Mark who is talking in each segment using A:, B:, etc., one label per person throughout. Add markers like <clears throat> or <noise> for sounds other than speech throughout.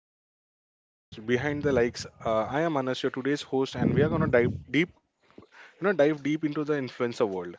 A: Welcome to the podcast Behind the Likes. I am Anas, your today's host, and we are gonna dive deep, into the influencer world,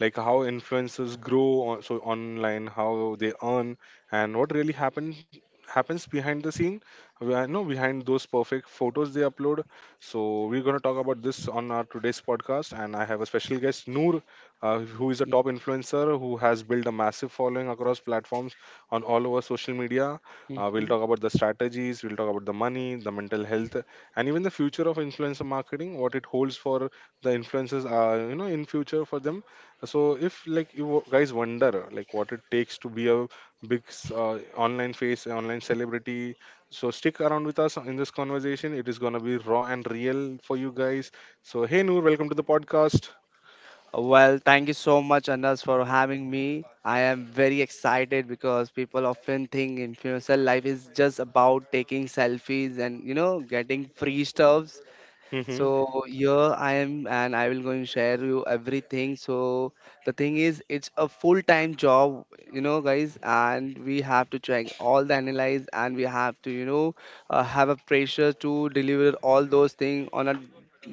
A: like how influencers grow on, so online, how they earn, and what really happens behind the scene. You know, behind those perfect photos they upload. So we're gonna talk about this on our today's podcast, and I have a special guest, Noor, uh, who is a top influencer who has built a massive following across platforms on all over social media. We'll
B: hmm
A: talk about the strategies, we'll talk about the money, the mental health, and even the future of influencer marketing, what it holds for the influencers, in future for them. So if like you guys wonder like what it takes to be a big, online face, an online celebrity, so stick around with us in this conversation. It is gonna be raw and real for you guys. So hey Noor, welcome to the podcast.
B: Well, thank you so much, Anas, for having me. I am very excited because people often think influencer life is just about taking selfies and getting free stuffs. So
A: <laughs>
B: here I am and I will going to share you everything. So the thing is it's a full-time job, you know guys, and we have to check all the analyze and we have to, have a pressure to deliver all those things on a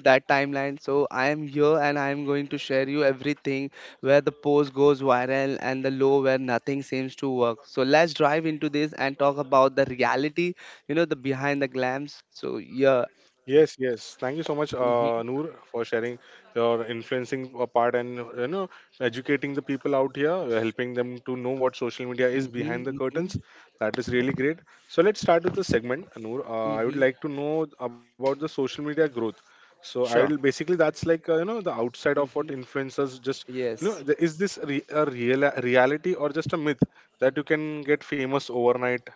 B: that timeline. So I am here and I am going to share you everything where the post goes viral and the low where nothing seems to work. So let's dive into this and talk about the reality, the behind the glams. So yeah.
A: Yes, yes. Thank you so much,
B: Mm-hmm.
A: Noor, for sharing your influencing part, and you know, educating the people out here, helping them to know what social media is behind the
B: Mm-hmm. Mm-hmm.
A: curtains. That is really great. So let's start with the segment, Noor. I would
B: Mm-hmm.
A: like to know about the social media growth. So I will
B: Sure.
A: basically, that's like you know, the outside of what
B: Mm-hmm.
A: influencers just you know
B: Yes.
A: the, is this re- a real reality or just a myth that you can get famous overnight?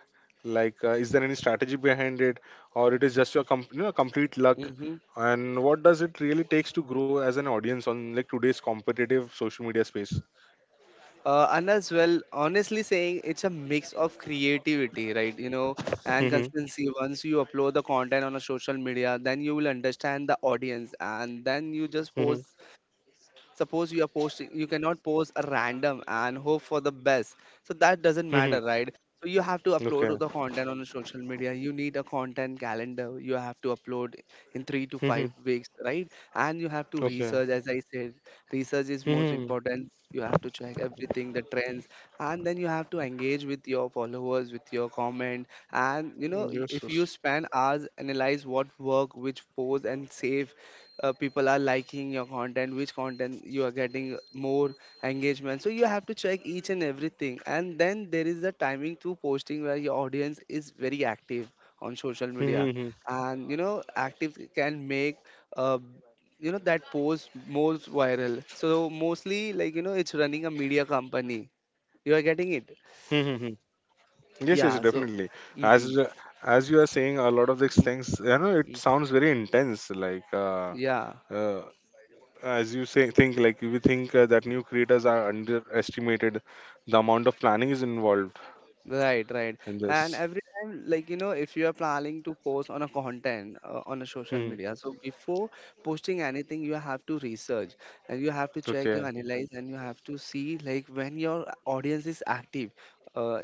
A: Like, is there any strategy behind it, or it is just your you know, complete luck,
B: Mm-hmm.
A: and what does it really takes to grow as an audience on like today's competitive social media space?
B: And as well, honestly saying, it's a mix of creativity, right? And
A: Mhm.
B: consistency. Once you upload the content on a social media, then you will understand the audience, and then you just post.
A: Mhm.
B: Suppose you are posting, you cannot post a random and hope for the best, so that doesn't matter,
A: Mhm.
B: right? So you have to upload
A: Okay.
B: the content on the social media. You need a content calendar. You have to upload in 3 to 5
A: Mhm.
B: weeks, right? And you have to
A: Okay.
B: research. As I said, research is most
A: Mhm.
B: important. You have to check everything, the trends, and then you have to engage with your followers with your comment. And if
A: Yes,
B: you
A: yes.
B: spend hours analyze what work, which pose and save, people are liking your content, which content you are getting more engagement. So you have to check each and everything. And then there is the timing to posting where your audience is very active on social media.
A: Mhm.
B: And active can make, uh, that post most viral. So mostly, like, it's running a media company. You are getting it.
A: Mhm. Yes, yes,
B: Yeah. So
A: definitely. As
B: hmm
A: you- as you are saying, a lot of these things, you know, it sounds very intense.
B: yeah.
A: Uh, as you say, think like we think that new creators are underestimated. The amount of planning is involved
B: Right, right.
A: in
B: And
A: this.
B: every time, like, if you are planning to post on a content on a social media, so before posting anything, you have to research. And you have to check you
A: Okay.
B: analyze and you have to see like when your audience is active. Uh,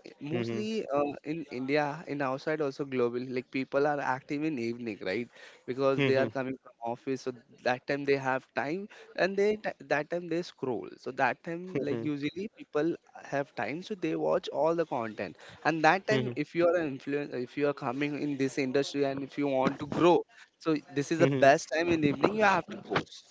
A: Hmm.
B: mostly in India, in outside also globally, like people are active in evening, right? Because they are
A: Hmm.
B: coming from office, so that time they have time. And they that time they scroll. So that time, like
A: Hmm.
B: usually people have time, so they watch all the content. And that time,
A: Hmm.
B: if you are an influencer, if you are coming in this industry, and if you want to grow, so this is the
A: Hmm.
B: best time in the evening you have to post.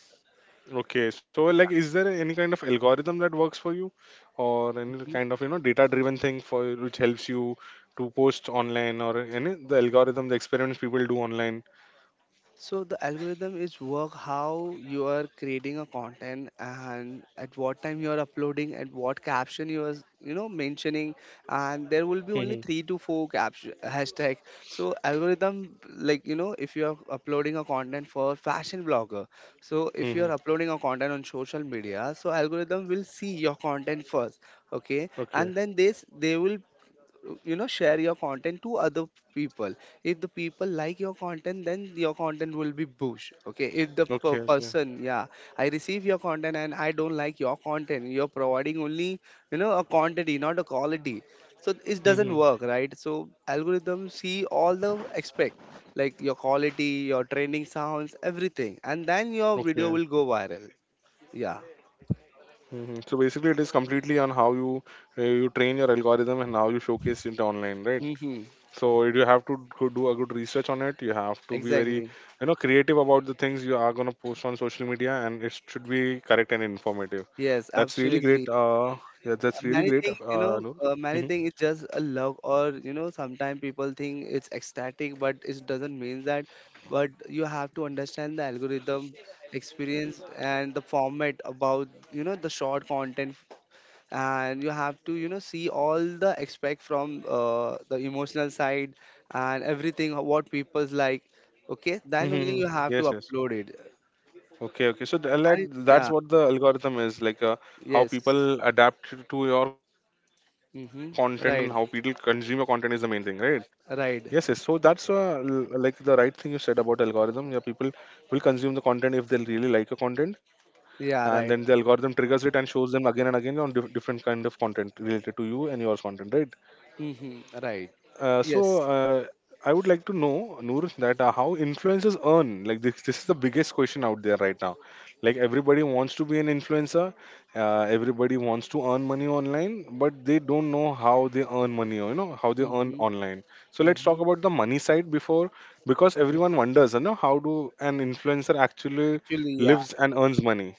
A: Okay. So, like, is there any kind of algorithm that works for you, or any kind of you know data-driven thing for which helps you to post online, or any the algorithm, the experiments people do online?
B: So the algorithm is work how you are creating a content and at what time you are uploading and what caption you are mentioning. And there will be
A: Hmm.
B: only three to four caption hashtag. So algorithm, like if you are uploading a content for fashion blogger, so if you are
A: Hmm.
B: uploading a content on social media, so algorithm will see your content first, okay,
A: Okay.
B: and then this they will share your content to other people. If the people like your content, then your content will be bush, okay? If the
A: Okay. Okay.
B: person, yeah, I receive your content and I don't like your content, you're providing only a quantity, not a quality. So it doesn't
A: Hmm.
B: work, right? So algorithm see all the aspect like your quality, your training sounds, everything, and then your video will
A: Okay.
B: go viral. Yeah.
A: Mm-hmm. So basically, it is completely on how you you train your algorithm and how you showcase it online, right?
B: Mm-hmm.
A: So you have to go do a good research on it. You have to be very,
B: Exactly.
A: you know, creative about the things you are gonna post on social media, and it should be correct and informative.
B: Yes,
A: That's really
B: absolutely.
A: great. Yeah, that's really
B: many
A: great.
B: thing you know
A: Noor.
B: uh, many
A: Mhm.
B: thing is just a love or sometimes people think it's ecstatic but it doesn't mean that. But you have to understand the algorithm experience and the format about the short content. And you have to see all the aspect from the emotional side and everything what people's like, okay, then only
A: Mm-hmm.
B: you have
A: Yes,
B: to
A: yes.
B: upload it
A: Okay, okay. Like
B: and it-
A: that's
B: Yeah.
A: what the algorithm is like. How
B: Yes.
A: people adapt to your content and how people
B: Mm-hmm.
A: consume your
B: Right,
A: content is the main thing, right? Yes, yes. So
B: right.
A: that's like the right thing you said about algorithm. Yeah, people will consume the content if they really like your content, and then the
B: Yeah, right.
A: algorithm triggers it and shows them again and again on different kind of content related to you and yours content, right?
B: Mm-hmm. Right.
A: Uh, so
B: Yes.
A: uh, I would like to know, Noor, that how influencers earn. This is the biggest question out there right now. Like everybody wants to be an influencer, everybody wants to earn money online, but they don't know how they earn money. You know how they earn
B: Mm-hmm.
A: online. So let's talk
B: Mm-hmm.
A: about the money side before, because everyone wonders, you know, how do an influencer actually
B: Actually, yeah,
A: lives and earns money.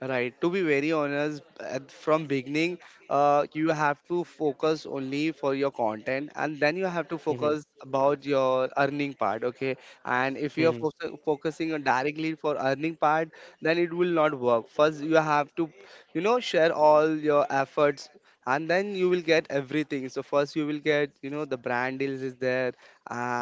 B: right. To be very honest, from beginning, you have to focus only for your content, and then you have to
A: Mhm,
B: focus about your earning part. Okay, and if you are
A: mhm,
B: fo focusing on directly for earning part, then it will not work. First, you have to, share all your efforts and then you will get everything. So first you will get the brand deals is there.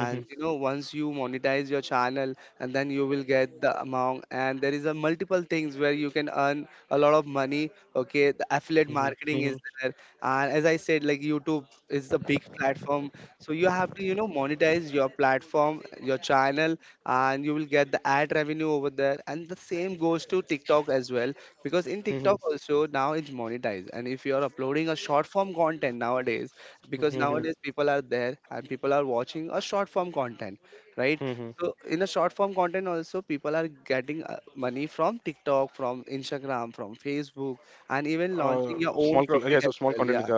A: mhm,
B: once you monetize your channel, and then you will get the amount. And there is a multiple things where you can earn a lot of money. Okay, the affiliate
A: mhm,
B: marketing
A: mhm,
B: is there. And as I said, like YouTube is the big platform. So you have to monetize your platform, your channel, and you will get the ad revenue over there. And the same goes to TikTok as well, because in TikTok
A: mhm,
B: also now it's monetized. And if you are uploading a short form content nowadays, because
A: mhm, mhm,
B: nowadays people are there and people are watching a short form content, right?
A: mhm.
B: So in a short form content also people are getting money from TikTok, from Instagram, from Facebook, and even
A: Yeah,
B: launching
A: so
B: your
A: small
B: own
A: content
B: product as
A: they are
B: well. Yeah.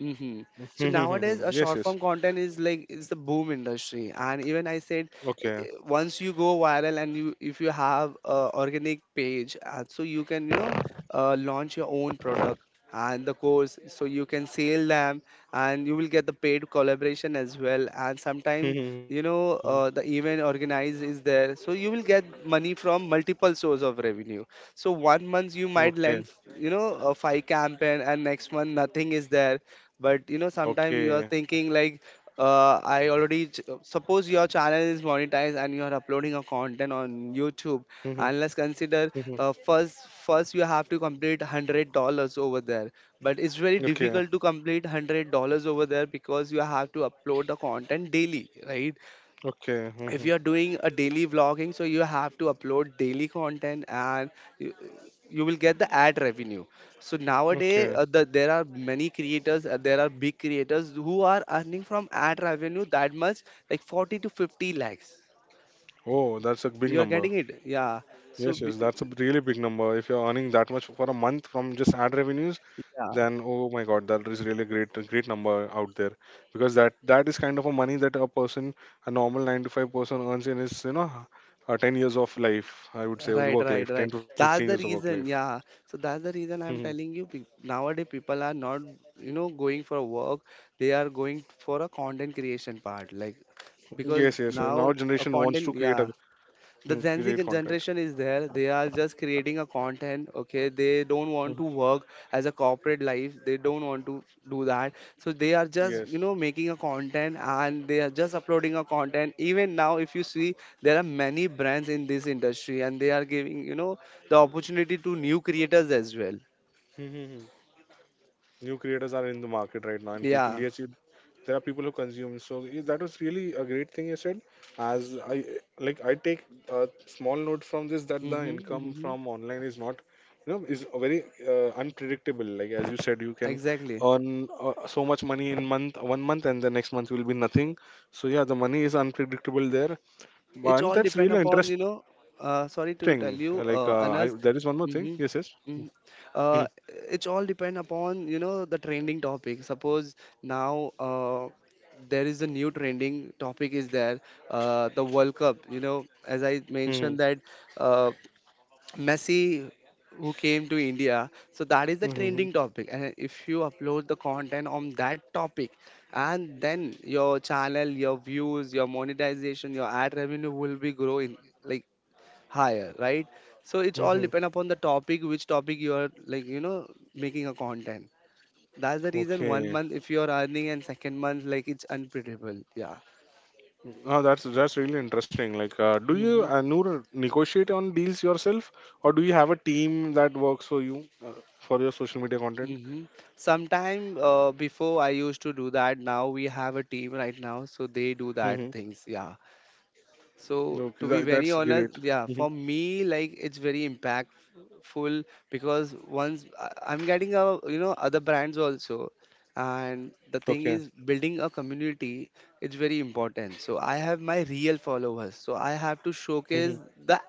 A: Hmm,
B: hmm
A: hmm, hmm,
B: So
A: hmm. <laughs> Yes,
B: nowadays,
A: yes.
B: a short form content is like it's the boom industry, and even I said,
A: Okay.
B: eh,
A: <laughs>
B: eh, once you go viral and you if you have a organic page, so you can launch your own product and the course, so you can sell them, and you will get the paid collaboration as well. And
A: Hmm,
B: sometime
A: hmm.
B: the event organized is there, so you will get money from multiple source of revenue. So one
A: Hmm.
B: month you
A: Okay.
B: might lend you know a five campaign, and next month nothing is there. But sometimes you are
A: Okay.
B: thinking like I already suppose your channel is monetized and you are uploading a content on YouTube,
A: <laughs> Hmm, hmm.
B: and let's consider
A: Hmm,
B: first you have to complete $100 over there. But it's very
A: hmm. Okay.
B: difficult to complete $100 over there because you have to upload the content daily, right?
A: Okay. <laughs> Hmm,
B: If
A: hmm.
B: you are doing a daily vlogging, so you have to upload daily content, and you, you will get the ad revenue. So nowadays
A: Okay.
B: there are many creators there are big creators who are earning from ad revenue that much like 40 to 50 lakhs.
A: Oh, that's a big
B: You are
A: number.
B: getting it. Yeah. So
A: Yes, yes, that's a really big number. If you're earning that much for a month from just ad revenues,
B: yeah.
A: then oh my God, that is really great, a great number out there, because that that is kind of a money that a person, a normal nine to five person earns in his, you know, 10 years of life. I would say
B: Right,
A: work
B: right,
A: life, ten
B: right.
A: to fifteen years
B: That's
A: of
B: the
A: work life.
B: reason, yeah. So that's the reason I'm
A: Mhm.
B: telling you. Nowadays, people are not, going for work. They are going for a content creation part, like because
A: Yes, yes, yes. Now
B: now a
A: generation wants to
B: content,
A: create a
B: yeah, the
A: mm,
B: Gen Z
A: create content.
B: generation is there. They are just creating a content. Okay, they don't want
A: Mhm.
B: to work as a corporate life. They don't want to do that. So they are just
A: Yes.
B: making a content and they are just uploading a content. Even now, if you see, there are many brands in this industry and they are giving the opportunity to new creators as well.
A: Mhm. New creators are in the market right now, and people.
B: Yeah.
A: There are people who consume. That was really a great thing you said. As I I take a small note from this that the
B: Mm-hmm,
A: income
B: mm-hmm.
A: from online is not, you know, is very unpredictable. Like as you said, you can
B: Exactly.
A: earn so much money in month one month, and the next month will be nothing. So yeah, the money is unpredictable there.
B: It's
A: And
B: all
A: that's
B: depend
A: really
B: upon,
A: interesting. Like,
B: sorry
A: I
B: to
A: there
B: tell
A: is one
B: you,
A: more thing. Yes,
B: Anas.
A: yes.
B: hmm
A: Mm-hmm.
B: hmm Uh, it's all depend upon, the trending topic. Suppose now there is a new trending topic is there, the World Cup, as I
A: Hmm,
B: mentioned that uh, Messi who came to India. So that is the
A: hmm,
B: trending topic. And if you upload the content on that topic, and then your channel, your views, your monetization, your ad revenue will be growing like higher, right? So it's all
A: hmm.
B: depend upon the topic, which topic you are like making a content. That's the reason one
A: Okay.
B: month if you are earning and second month like it's unpredictable. Yeah.
A: Oh, that's really interesting. Like, do you Noor negotiate on deals yourself, or do you have a team that works for you for your social media content?
B: Mm-hmm. Sometime before I used to do that. Now we have a team right now, so they do that
A: Mm-hmm.
B: things. Yeah, so to
A: Okay,
B: be
A: that,
B: very
A: that's
B: honest,
A: great.
B: yeah,
A: Mm-hmm.
B: for me, like it's very impactful because once I'm getting a other brands also, and the thing
A: Okay.
B: is building a community it's very important. So I have my real followers, so I have to
A: Mm-hmm.
B: showcase the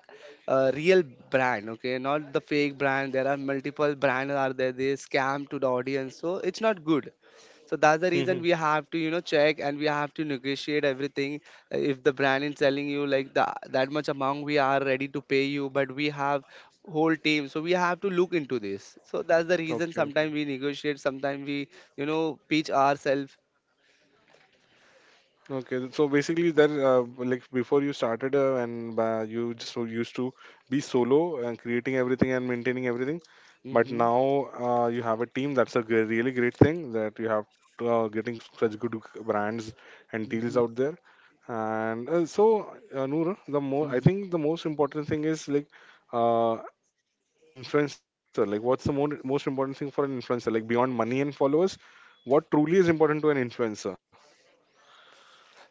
B: real brand, okay, not the fake brand. There are multiple brands are there. They scam to the audience, so it's not good. So that's the
A: Mm-hmm.
B: reason we have to, check and we have to negotiate everything if the brand is telling you like that much amount we are ready to pay you. But we have whole team, so we have to look into this. So that's the reason
A: Okay. Okay.
B: sometimes we negotiate, sometimes we pitch ourselves.
A: Okay, so basically that like before you started and you just so used to be solo and creating everything and maintaining everything, but
B: Mm-hmm,
A: now you have a team. That's a really great thing that you have getting such good brands and deals
B: mm-hmm,
A: out there. And so Noor, the more I
B: mm-hmm.
A: think the most important thing is like uh, for an influencer, like what's most important thing for an influencer? Like beyond money and followers, what truly is important to an influencer?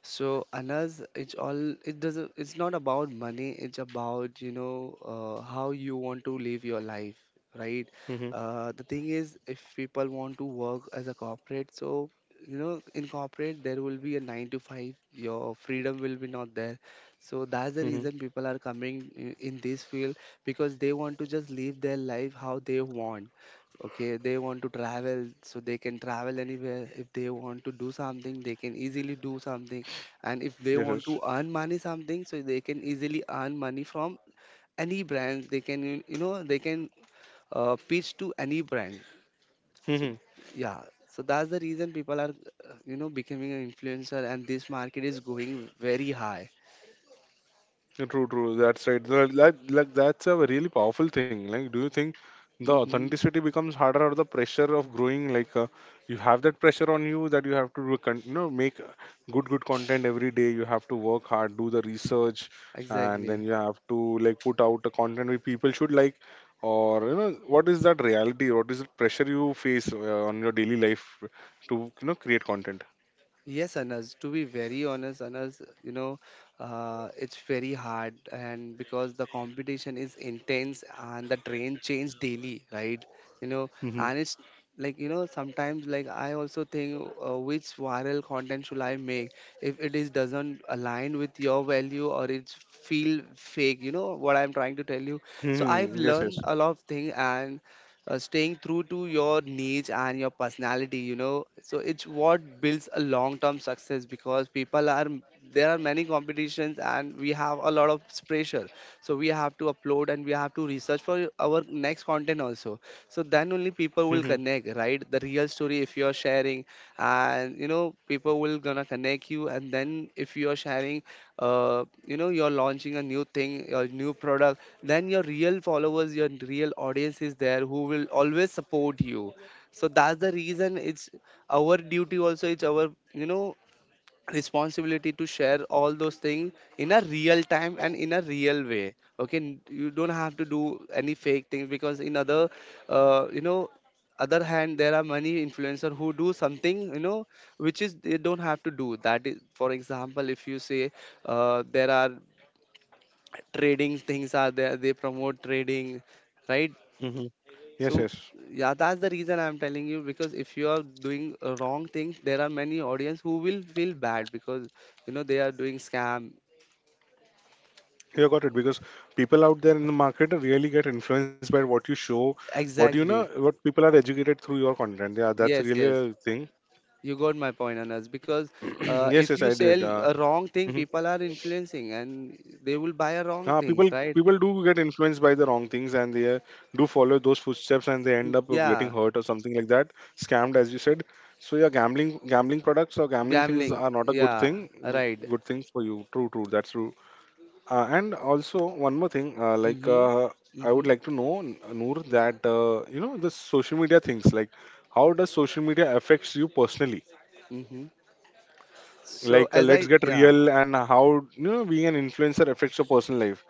B: So Anas, it's not about money, it's about, how you want to live your life, right?
A: Hmm.
B: The thing is if people want to work as a corporate, so you know, in corporate there will be a 9 to 5, your freedom will be not there. So that's the
A: Hmm.
B: reason people are coming in this field because they want to just live their life how they want. Okay, they want to travel, so they can travel anywhere. If they want to do something, they can easily do something, and if they
A: Yes,
B: want
A: yes.
B: to earn money something, so they can easily earn money from any brand. They can you know they can pitch to any brand. So
A: Mhm.
B: yeah, so that's the reason people are you know, becoming an influencer, and this market is going very high.
A: True, true. That's right. That's a really powerful thing. Like, do you think the
B: Mm-hmm.
A: authenticity becomes harder or the pressure of growing? Like, you have that pressure on you that you have to, you know, make good, good content every day. You have to work hard, do the research, and then
B: Exactly.
A: you have to like put out a content which people should like. Or you know, what is that reality? What is the pressure you face on your daily life to you know create content?
B: Yes, Anas, to be very honest, Anas, you know, it's very hard, and because the competition is intense and the train change daily, right? You know,
A: Mhm.
B: and it's like, you know, sometimes like I also think which viral content should I make if it is doesn't align with your value or it's feel fake. You know what I'm trying to tell you. So I've
A: Hmm. Yes,
B: learned
A: yes.
B: a lot of things, and staying true to your niche and your personality, you know, so it's what builds a long term success. Because people are, there are many competitions, and we have a lot of pressure. So we have to upload, and we have to research for our next content also, so then only people
A: Hmm.
B: will connect, right? The real story if you're sharing, and you know, people will gonna connect you. And then if you're sharing, you know, you're launching a new thing, a new product, then your real followers, your real audience is there who will always support you. So that's the reason it's our duty also, it's our, you know, responsibility to share all those things in a real time and in a real way. You don't have to do any fake things. Because in other, you know, other hand, there are many influencer who do something, you know, which is they don't have to do. That is, for example, if you say, there are trading things are there, they promote trading, right?
A: Hmm. Yes,
B: So
A: yes.
B: yeah, that's the reason I'm telling you, because if you are doing a wrong things, there are many audience who will feel bad, because you know, they are doing scam.
A: You got it, because people out there in the market really get influenced by what you show, what you know,
B: Exactly.
A: what people are educated through your content. Yeah,
B: Yes,
A: that's
B: yes.
A: really a thing.
B: You got my point, Anas. Because
A: <clears throat> Yes,
B: if
A: yes,
B: you
A: I
B: sell
A: did.
B: a wrong thing,
A: Mhm.
B: people are influencing and they will buy a wrong
A: Uh,
B: things,
A: people
B: right?
A: People do get influenced by the wrong things and they do follow those footsteps and they end
B: Mm,
A: up getting
B: yeah,
A: hurt or something like that, scammed as you said. So yeah, gambling products or gambling things
B: gambling.
A: are not a good
B: Yeah,
A: thing.
B: right.
A: Good thing for you. True, true. That's true. And also One more thing,
B: Mm-hmm.
A: I
B: Mm-hmm.
A: would like to know, Noor, that you know the social media things. Like, how does social media affects you personally?
B: Mm-hmm. So
A: Like,
B: as
A: let's
B: I
A: get
B: yeah.
A: real, and how you know being an influencer affects your personal life.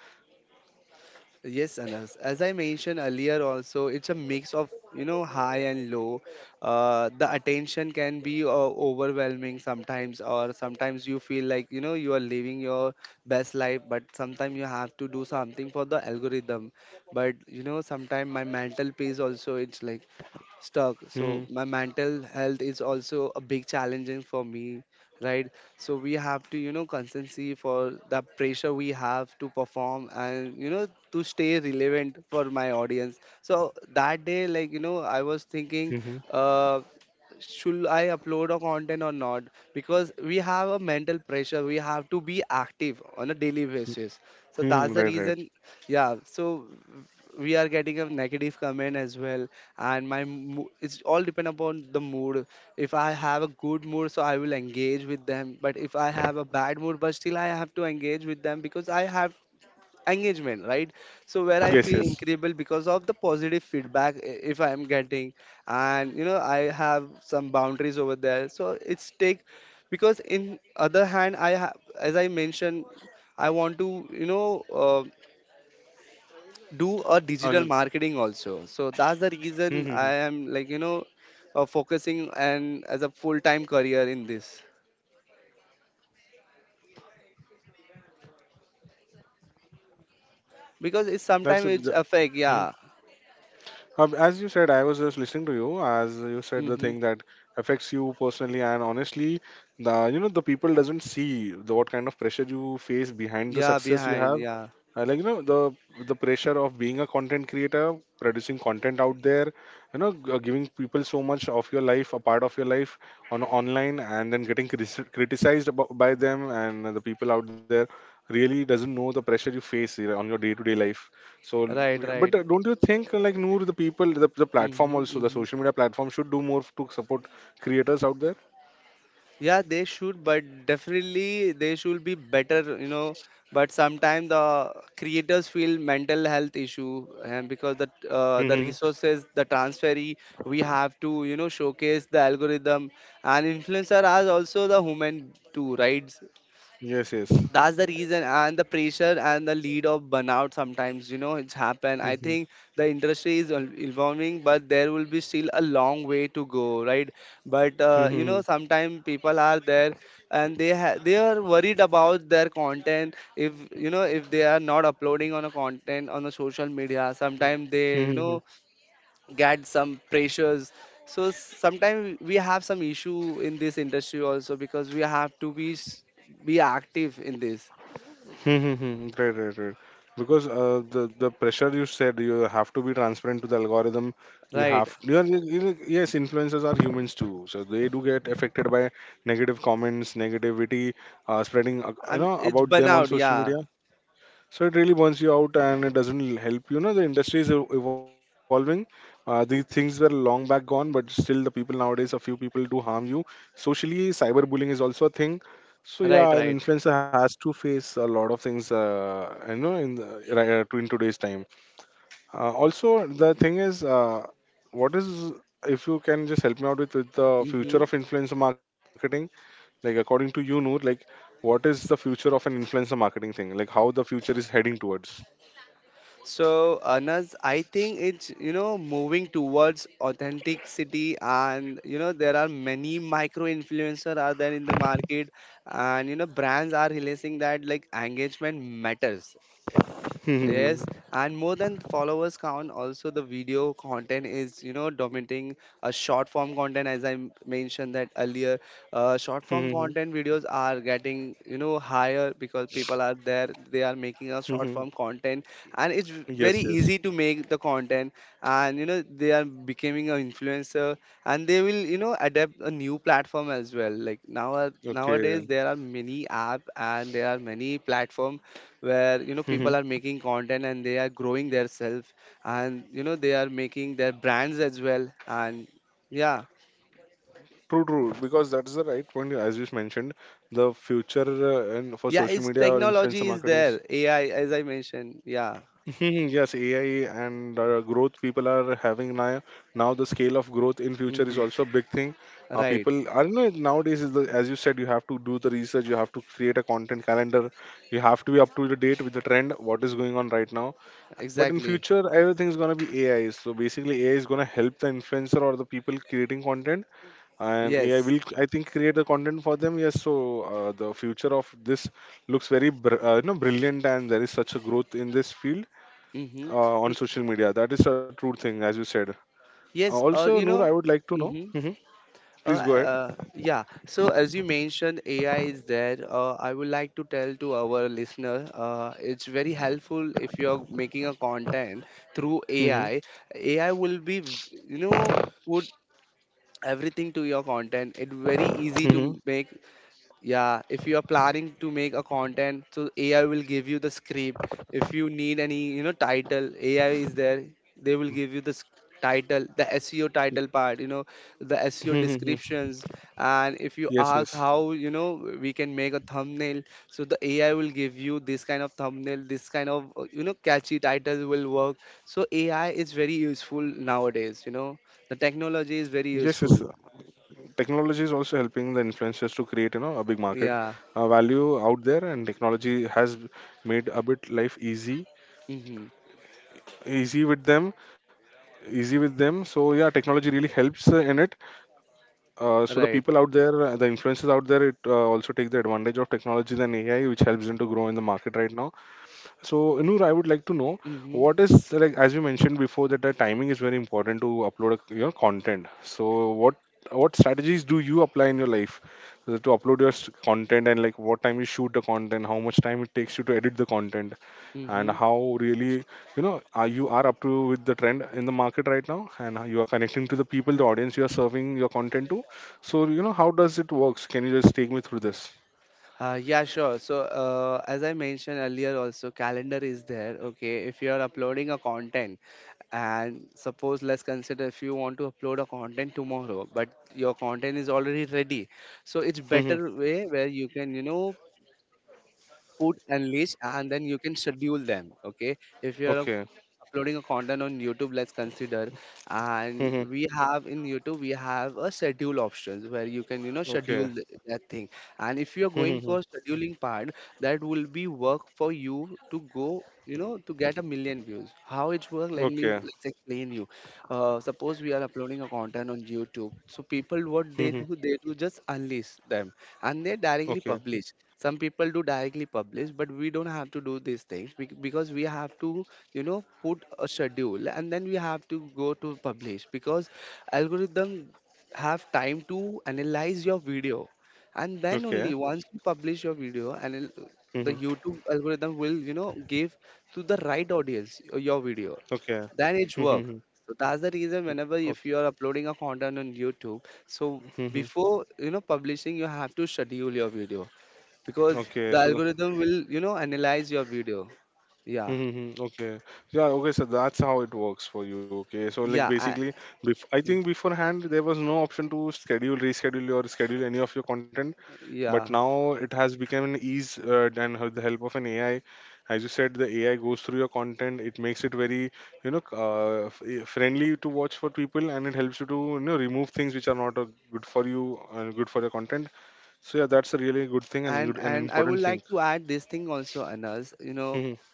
B: Yes, as I mentioned earlier, also it's a mix of, you know, high and low. The attention can be overwhelming sometimes, or sometimes you feel like you know you are living your best life, but sometimes you have to do something for the algorithm. But you know, sometimes my mental peace also it's like stuck,
A: Hmm.
B: so my mental health is also a big challenging for me, right? So we have to, you know, consistency for the pressure, we have to perform, and you know, to stay relevant for my audience. So that day, like, you know, I was thinking,
A: Hmm.
B: uh should I upload a content or not, because we have a mental pressure, we have to be active on a daily basis. So
A: Hmm.
B: that's the
A: Right. Right.
B: reason, yeah. So we are getting a negative comment as well, and it's all depend upon the mood. If I have a good mood, so I will engage with them. But if I have a bad mood, but still I have to engage with them, because I have engagement, right? So where I
A: Yes.
B: feel
A: Yes.
B: incredible because of the positive feedback, if I am getting, and you know, I have some boundaries over there, so it's take. Because in other hand, I have, as I mentioned, I want to, you know, do a digital
A: Uh,
B: marketing also. So that's the
A: hmm. Hmm,
B: reason
A: hmm.
B: I am, like, you know, focusing and as a full-time career in this, because it's
A: That's.
B: sometimes it's
A: The
B: affect,
A: Mm-hmm.
B: yeah.
A: As you said, I was just listening to you. As you said, the
B: Hmm.
A: thing that affects you personally, and honestly, the you know, the people doesn't see the what kind of pressure you face behind the
B: Yeah,
A: success you
B: behind,
A: have.
B: yeah.
A: Like you know, the pressure of being a content creator producing content out there, you know, giving people so much of your life, a part of your life on online, and then getting criticized by them, and the people out there really doesn't know the pressure you face, you know, on your day to day life. So l-
B: Right,
A: but
B: right.
A: Don't you think, like Noor, the platform,
B: Hmm,
A: also the
B: hmm.
A: social media platform, should do more to support creators out there?
B: Yeah, they should, but definitely they should be better, you know. But sometimes the creators feel mental health issue, and because the
A: Hmm.
B: uh, the resources, the transfer, we have to, you know, showcase the algorithm, and influencer are also the human too, right?
A: Yes, yes.
B: That's the reason, and the pressure and the lead of burnout sometimes, you know, it's happened. I think the industry is evolving, but there will be still a long way to go, right? But you know, sometimes people are there, and they are worried about their content. If you know, if they are not uploading on a content on the social media, sometimes they, you
A: Mm-hmm.
B: know, get some pressures. So sometimes we have some issue in this industry also, because we have to be active in this.
A: Hmm, hmm, hmm. Right, right, right. Because the pressure you said you have to be transparent to the algorithm. You
B: Right.
A: have you are, you- you- Yes, influencers are humans too, so they do get affected by negative comments, negativity spreading you
B: And
A: know
B: it's
A: about them on
B: burnout.
A: social
B: Yeah.
A: media. So it really burns you out and it doesn't help. You know, the industry is evolving. These things were long back gone, but still, the people nowadays, a few people do harm you. Socially, cyberbullying is also a thing. So yeah,
B: Right,
A: an
B: right.
A: influencer has to face a lot of things, you know, in in today's time. Also, the thing is, what is if you can just help me out with the future
B: Mm-hmm.
A: of influencer marketing? Like according to you, Noor, like what is the future of an influencer marketing thing? Like how the future is heading towards?
B: So, Anas, I think it's, you know, moving towards authenticity, and you know, there are many micro influencer are there in the market, and, you know, brands are realizing that like engagement matters.
A: Hmm.
B: Yes, and more than the followers count, also the video content is, you know, dominating a short form content. As I mentioned that earlier, short
A: <laughs>
B: form
A: Yes,
B: content videos are getting, you know, higher, because people are there. They are making a short form content, and it's very
A: yes.
B: easy to make the content. And you know, they are becoming an influencer, and they will, you know, adapt a new platform as well. Like now,
A: Okay.
B: nowadays, there are many app and there are many platform where, you know,
A: Hmm.
B: people are making content, and they are growing their self, and you know, they are making their brands as well. And yeah,
A: True. Because that's the right point, as you mentioned, the future and for
B: yeah,
A: social
B: it's
A: media or influencer
B: technology is
A: marketing. Is-
B: there. AI, as I mentioned, yeah.
A: hmm. <laughs> Yes, AI and growth people are having now. Now the scale of growth in future is
B: Hmm.
A: also a big thing.
B: Right.
A: People, I don't know. Nowadays, as you said, you have to do the research. You have to create a content calendar. You have to be up to the date with the trend. What is going on right now? But in
B: Exactly.
A: future, everything is gonna be AI. So basically, AI is gonna help the influencer or the people creating content, and AI
B: Yes.
A: will, I think, create the content for them. Yes. So the future of this looks very, you know, brilliant, and there is such a growth in this field
B: Mm-hmm.
A: on social media. That is a true thing, as you said.
B: Yes or
A: Also,
B: you
A: Noor,
B: know.
A: I would like to know.
B: Mm-hmm.
A: Hmm. Please go ahead.
B: Yeah. So as you mentioned, AI is there. I would like to tell to our listener, it's very helpful if you're making a content through
A: Hmm.
B: AI. AI will be, you know, put everything to your content. It's very easy to
A: Hmm.
B: make. Yeah, if you are planning to make a content, so AI will give you the script. If you need any, you know, title, AI is there. They will give you title, the SEO title part, you know, the SEO
A: Hmm. Hmm.
B: descriptions. And if you
A: Yes.
B: ask
A: Yes.
B: how, you know, we can make a thumbnail, so the AI will give you this kind of thumbnail, this kind of, you know, catchy title will work. So AI is very useful nowadays, you know, the technology is
A: Yes.
B: very
A: Yes.
B: useful.
A: Technology is also helping the influencers to create, you know, a big market
B: Yeah.
A: value out there, and technology has made a bit life easy
B: Mm-hmm.
A: easy with them easy with them so yeah, technology really helps in it. So the
B: Right.
A: people out there, the influencers out there, it also take the advantage of technology than AI, which helps them to grow in the market right now. So, Noor, I would like to know
B: Mm-hmm.
A: what is, like, as you mentioned before, that the timing is very important to upload a, you content. So, what strategies do you apply in your life to upload your content, and like what time you shoot the content, how much time it takes you to edit the content, and
B: Mm-hmm.
A: how really, you know, are you are up to with the trend in the market right now, and how you are connecting to the people, the audience you are serving your content to. So, you know, how does it works? Can you just take me through this?
B: Yeah, sure. So, as I mentioned earlier, also calendar is there. Okay, if you are uploading a content, and suppose, let's consider, if you want to upload a content tomorrow, but your content is already ready, so it's
A: Hmm.
B: better way where you can, you know, put and list, and then you can schedule them. Okay, if you are
A: Okay.
B: uploading a content on YouTube, let's consider. And
A: Hmm.
B: we have in YouTube, we have a schedule options where you can, you know,
A: Okay.
B: schedule that thing. And if you're going
A: Hmm.
B: for scheduling part, that will be work for you to go. You know, to get a million views. How it work? Let me
A: Okay.
B: let's explain you. Suppose we are uploading a content on YouTube. So people, what
A: Mhm.
B: they do just unleash them, and they directly
A: Okay.
B: publish. Some people do directly publish, but we don't have to do these things, because we have to, you know, put a schedule, and then we have to go to publish, because algorithm have time to analyze your video. And then
A: Okay.
B: only once you publish your video, and the
A: Mhm.
B: YouTube algorithm will, you know, give to the right audience your video,
A: Okay.
B: then it's work.
A: Mhm.
B: So that's the reason, whenever,
A: Okay.
B: if you are uploading a content on YouTube, so
A: Mhm.
B: before, you know, publishing, you have to schedule your video, because
A: Okay.
B: the
A: So.
B: algorithm will, you know, analyze your video. Yeah,
A: Mhm. Okay. Yeah. Okay. So that's how it works for you. Okay. So, like,
B: yeah,
A: basically, I think beforehand there was no option to schedule, reschedule, or schedule any of your content. But
B: yeah.
A: now it has become an ease, and with the help of an AI, as you said, the AI goes through your content. It makes it very, you know, friendly to watch for people, and it helps you to, you know, remove things which are not good for you and good for your content. So yeah, that's a really good thing and
B: And
A: good and
B: I would
A: important thing.
B: like to add this thing also, Anas. You know,
A: <laughs>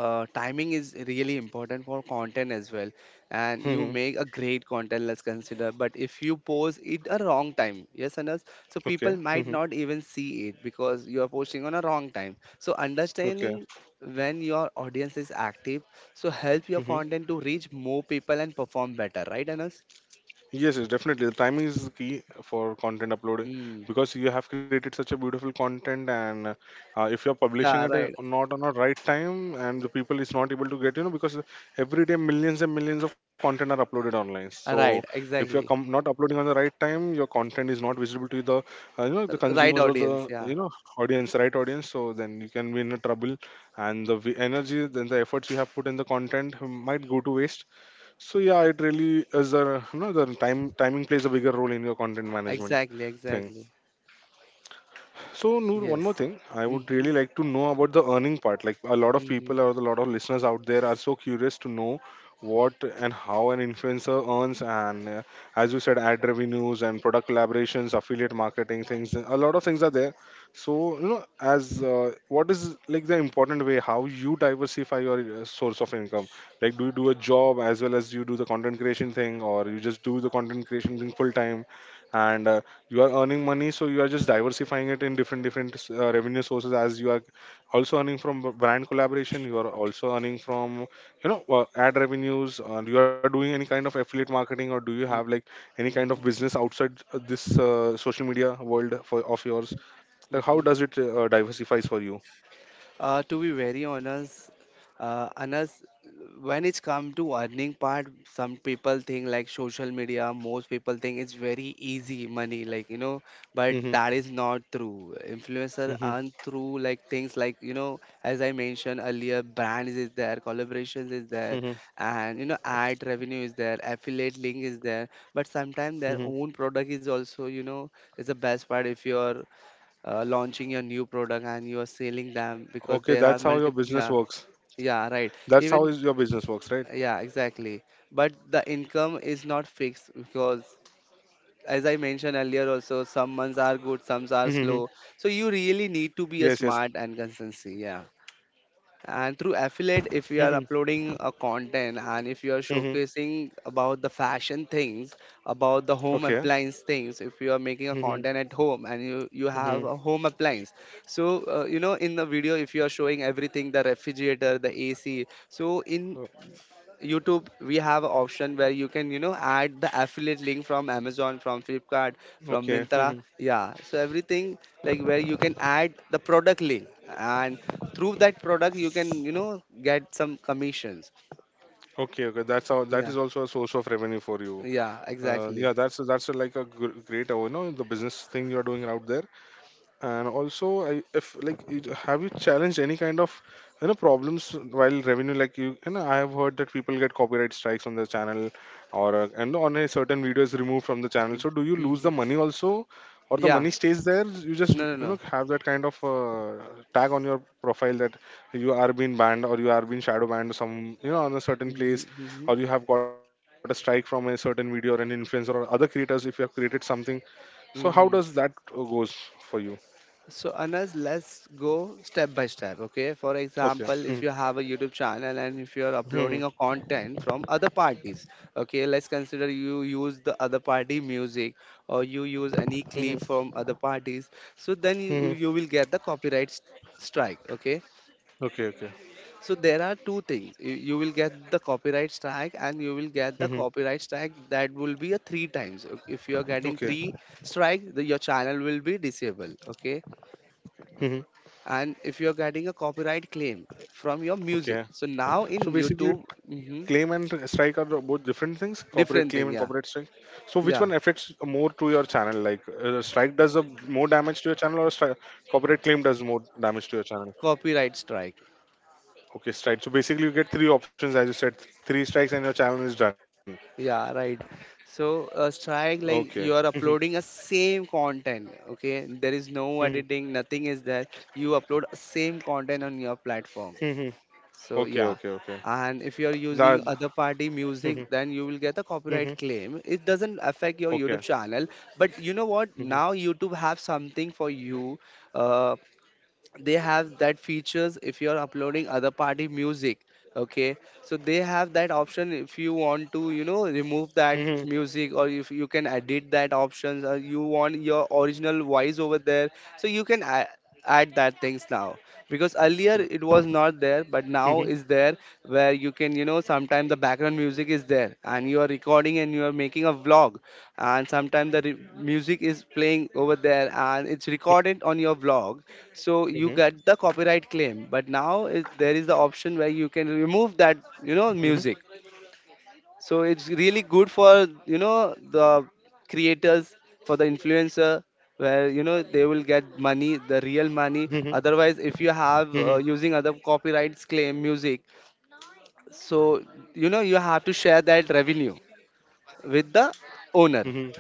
B: timing is really important for content as well. And
A: Mm-hmm.
B: you
A: Mm-hmm.
B: make a great content, let's consider, but if you post it a wrong time, yes Anas, so
A: Okay.
B: people might
A: Hmm.
B: not even see it, because you are posting on a wrong time. So
A: Okay.
B: understanding when your audience is active, so help your
A: Hmm.
B: content to reach more people and perform better, right Anas?
A: Yes, definitely. The timing is the key for content uploading
B: Mm.
A: because you have created such a beautiful content, and if you're publishing
B: Yeah,
A: it
B: right.
A: not on a right time, and the people is not able to get, you know, because every day millions and millions of content are uploaded online. So
B: Right,
A: if you're
B: exactly.
A: not uploading on the right time, your content is not visible to the, you know, the
B: Right
A: consumers or
B: audience,
A: the,
B: yeah.
A: you know, audience, right audience. So then you can be in a trouble, and the energy, then the efforts you have put in the content might go to waste. So yeah, it really is a, you know, the time timing plays a bigger role in your content management
B: Exactly,
A: thing.
B: exactly.
A: So, Noor, one more
B: Yes.
A: thing. I would
B: Mm-hmm.
A: really like to know about the earning part. Like, a lot of people or a
B: Mm-hmm.
A: lot of listeners out there are so curious to know what and how an influencer earns. And as you said, ad revenues and product collaborations, affiliate marketing things, a lot of things are there. So, you know, as what is, like, the important way how you diversify your source of income? Like, do you do a job as well as you do the content creation thing, or you just do the content creation thing full time? And you are earning money, so you are just diversifying it in different different revenue sources, as you are also earning from brand collaboration, you are also earning from, you know, ad revenues. You are doing any kind of affiliate marketing, or do you have like any kind of business outside this social media world for of yours, like how
B: Mm-hmm.
A: does it diversifies for you?
B: To be very honest, Anas, when it's come to earning part, some people think like social media, most people think it's very easy money, like, you know, but
A: Hmm.
B: that is not true. Influencer
A: Hmm.
B: earn through like things like, you know, as I mentioned earlier, brands is there, collaborations is there,
A: Hmm.
B: and, you know, ad revenue is there, affiliate link is there, but sometimes their
A: Hmm.
B: own product is also, you know, is the best part if you're launching your new product and you are selling them because
A: Okay,
B: there are
A: that's how your
B: multiple
A: business
B: yeah.
A: works.
B: Yeah, right.
A: That's how
B: Even
A: is your business works, right?
B: yeah, exactly. But the income is not fixed because as I mentioned earlier also, some months are good, some
A: Hmm.
B: are slow. So you really need to
A: Yes,
B: be
A: yes.
B: a smart and consistency, yeah. And through affiliate, if you are
A: Hmm.
B: uploading a content and if you are
A: Hmm.
B: showcasing about the fashion things, about the home
A: Okay.
B: appliance things, if you are making a
A: Hmm.
B: content at home and you
A: Hmm.
B: have a home appliance, so you know, in the video, if you are showing everything, the refrigerator, the ac, so in YouTube, we have an option where you can, you know, add the affiliate link from Amazon, from Flipkart, from
A: Okay.
B: Mintra.
A: <laughs>
B: Yeah. So everything like where you can add the product link and through that product you can, you know, get some commissions.
A: Okay. Okay. That's how. That
B: Yeah.
A: is also a source of revenue for you.
B: Yeah,
A: Yeah.
B: exactly.
A: That's like a great, you know, the business thing you are doing out there. And also, I, if like, have you challenged any kind of, you know, problems while revenue? Like, you know, I have heard that people get copyright strikes on the channel, or and on a certain video is removed from the channel. So do you lose the
B: Mm-hmm.
A: money also, or the
B: Yeah.
A: money stays there? You just,
B: No, no,
A: you know,
B: no.
A: have that kind of tag on your profile that you are being banned or you are being shadow banned some, you know, on a certain
B: Mm-hmm.
A: place,
B: Mm-hmm.
A: or you have got a strike from a certain video or an influencer or other creators if you have created something. So how does that
B: Mm-hmm.
A: goes for you?
B: So Anas, let's go step by step. Okay. For
A: Okay.
B: example,
A: Mhm.
B: if you have a YouTube channel and if you're
A: Mhm.
B: uploading a content from other parties, okay, let's consider you use the other party music or you use any
A: Mhm.
B: clip from other parties. So then
A: Mhm.
B: you will get the copyright strike. Okay.
A: Okay. Okay.
B: So there are two things. You will get the copyright strike, and you will get the
A: Mhm.
B: copyright strike that will be a three times. If you are getting
A: Okay.
B: three strike, your channel will be disabled. Okay.
A: Mhm.
B: And if you're getting a copyright claim from your music,
A: Okay.
B: so now
A: So
B: in
A: basically,
B: YouTube, mhm,
A: claim and strike are both different things. Corporate
B: different
A: claim
B: thing,
A: and
B: yeah.
A: corporate strike. So which
B: Yeah,
A: one affects more to your channel? Like, strike does a more damage to your channel, or strike, corporate claim does more damage to your channel?
B: copyright strike.
A: Okay, strike. So basically, you get three options, as you said. Three strikes and your channel is done.
B: Yeah, right. So a strike,
A: Okay.
B: like you
A: Mhm.
B: are uploading a same content, okay, there is no
A: Mhm.
B: editing, nothing is there. You upload same content on your platform.
A: Mhm.
B: So
A: Okay.
B: yeah.
A: Okay. Okay.
B: And if you're using
A: That.
B: other party music,
A: Mhm.
B: then you will get a copyright
A: Mhm.
B: claim. It doesn't affect your
A: Okay.
B: YouTube channel. But you know what? Now
A: Mhm.
B: YouTube have something for you. Uh, they have that features if you're uploading other party music, okay, so they have that option if you want to, you know, remove that
A: Mhm.
B: music, or if you can edit that options, or you want your original voice over there. So you can add, add that things now because earlier
A: Give me
B: it
A: that.
B: was not there but now is there, where you can, you know, sometimes the background music is there and you are recording and you are making a vlog, and sometimes the music is playing over there and it's recorded on your vlog. So you
A: Mhm.
B: get the copyright claim, but now is, there is the option where you can remove that, you know,
A: Mhm.
B: music. So it's really good for, you know, the creators, for the influencer, where, you know, they will get money, the real money.
A: Mhm,
B: Otherwise, if you have
A: mhm,
B: using other copyrights claim music, so you know you have to share that revenue with the owner.
A: mhm.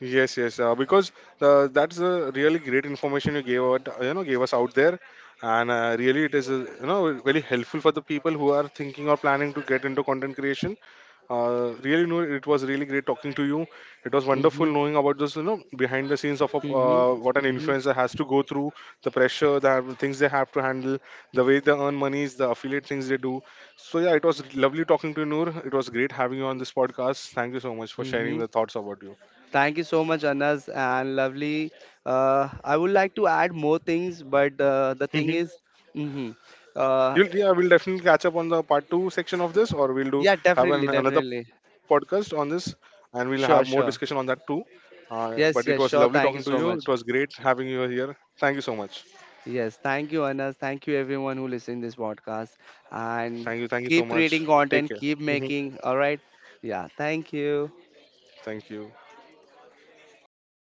A: Yes, because that's a really great information you gave out, you know, gave us out there, and really it is, you know, very helpful for the people who are thinking or planning to get into content creation. Really, know it was really great talking to you. It was wonderful
B: Mm-hmm,
A: knowing about this, you know, behind the scenes of a,
B: mm-hmm,
A: what an
B: mm-hmm,
A: influencer has to go through, the pressure, the things they have to handle, the way they earn monies, the affiliate things they do. So yeah, it was lovely talking to you, Noor. It was great having you on this podcast. Thank you so much for sharing
B: mm-hmm.
A: the thoughts about you.
B: Thank you so much, Anas, and lovely. I would like to add more things, but the thing is,
A: <laughs>
B: hmm, uh,
A: We'll, yeah, we'll definitely catch up on the part 2 section of this, or we'll do
B: yeah,
A: have
B: definitely,
A: an, another
B: definitely.
A: podcast on this, and we'll have more discussion
B: Sure,
A: on
B: sure.
A: that too. But it was
B: Yes, yes,
A: lovely
B: sure.
A: talking to
B: Thank you
A: you. It
B: so
A: was
B: much.
A: great having you here. Thank you so much.
B: Yes, thank you, Anas. Thank you, everyone who listened this podcast.
A: Thank
B: And
A: you. Thank you so
B: keep
A: much.
B: creating
A: Take
B: content,
A: care.
B: keep
A: Hmm.
B: making. All right. Yeah, thank you.
A: Thank you.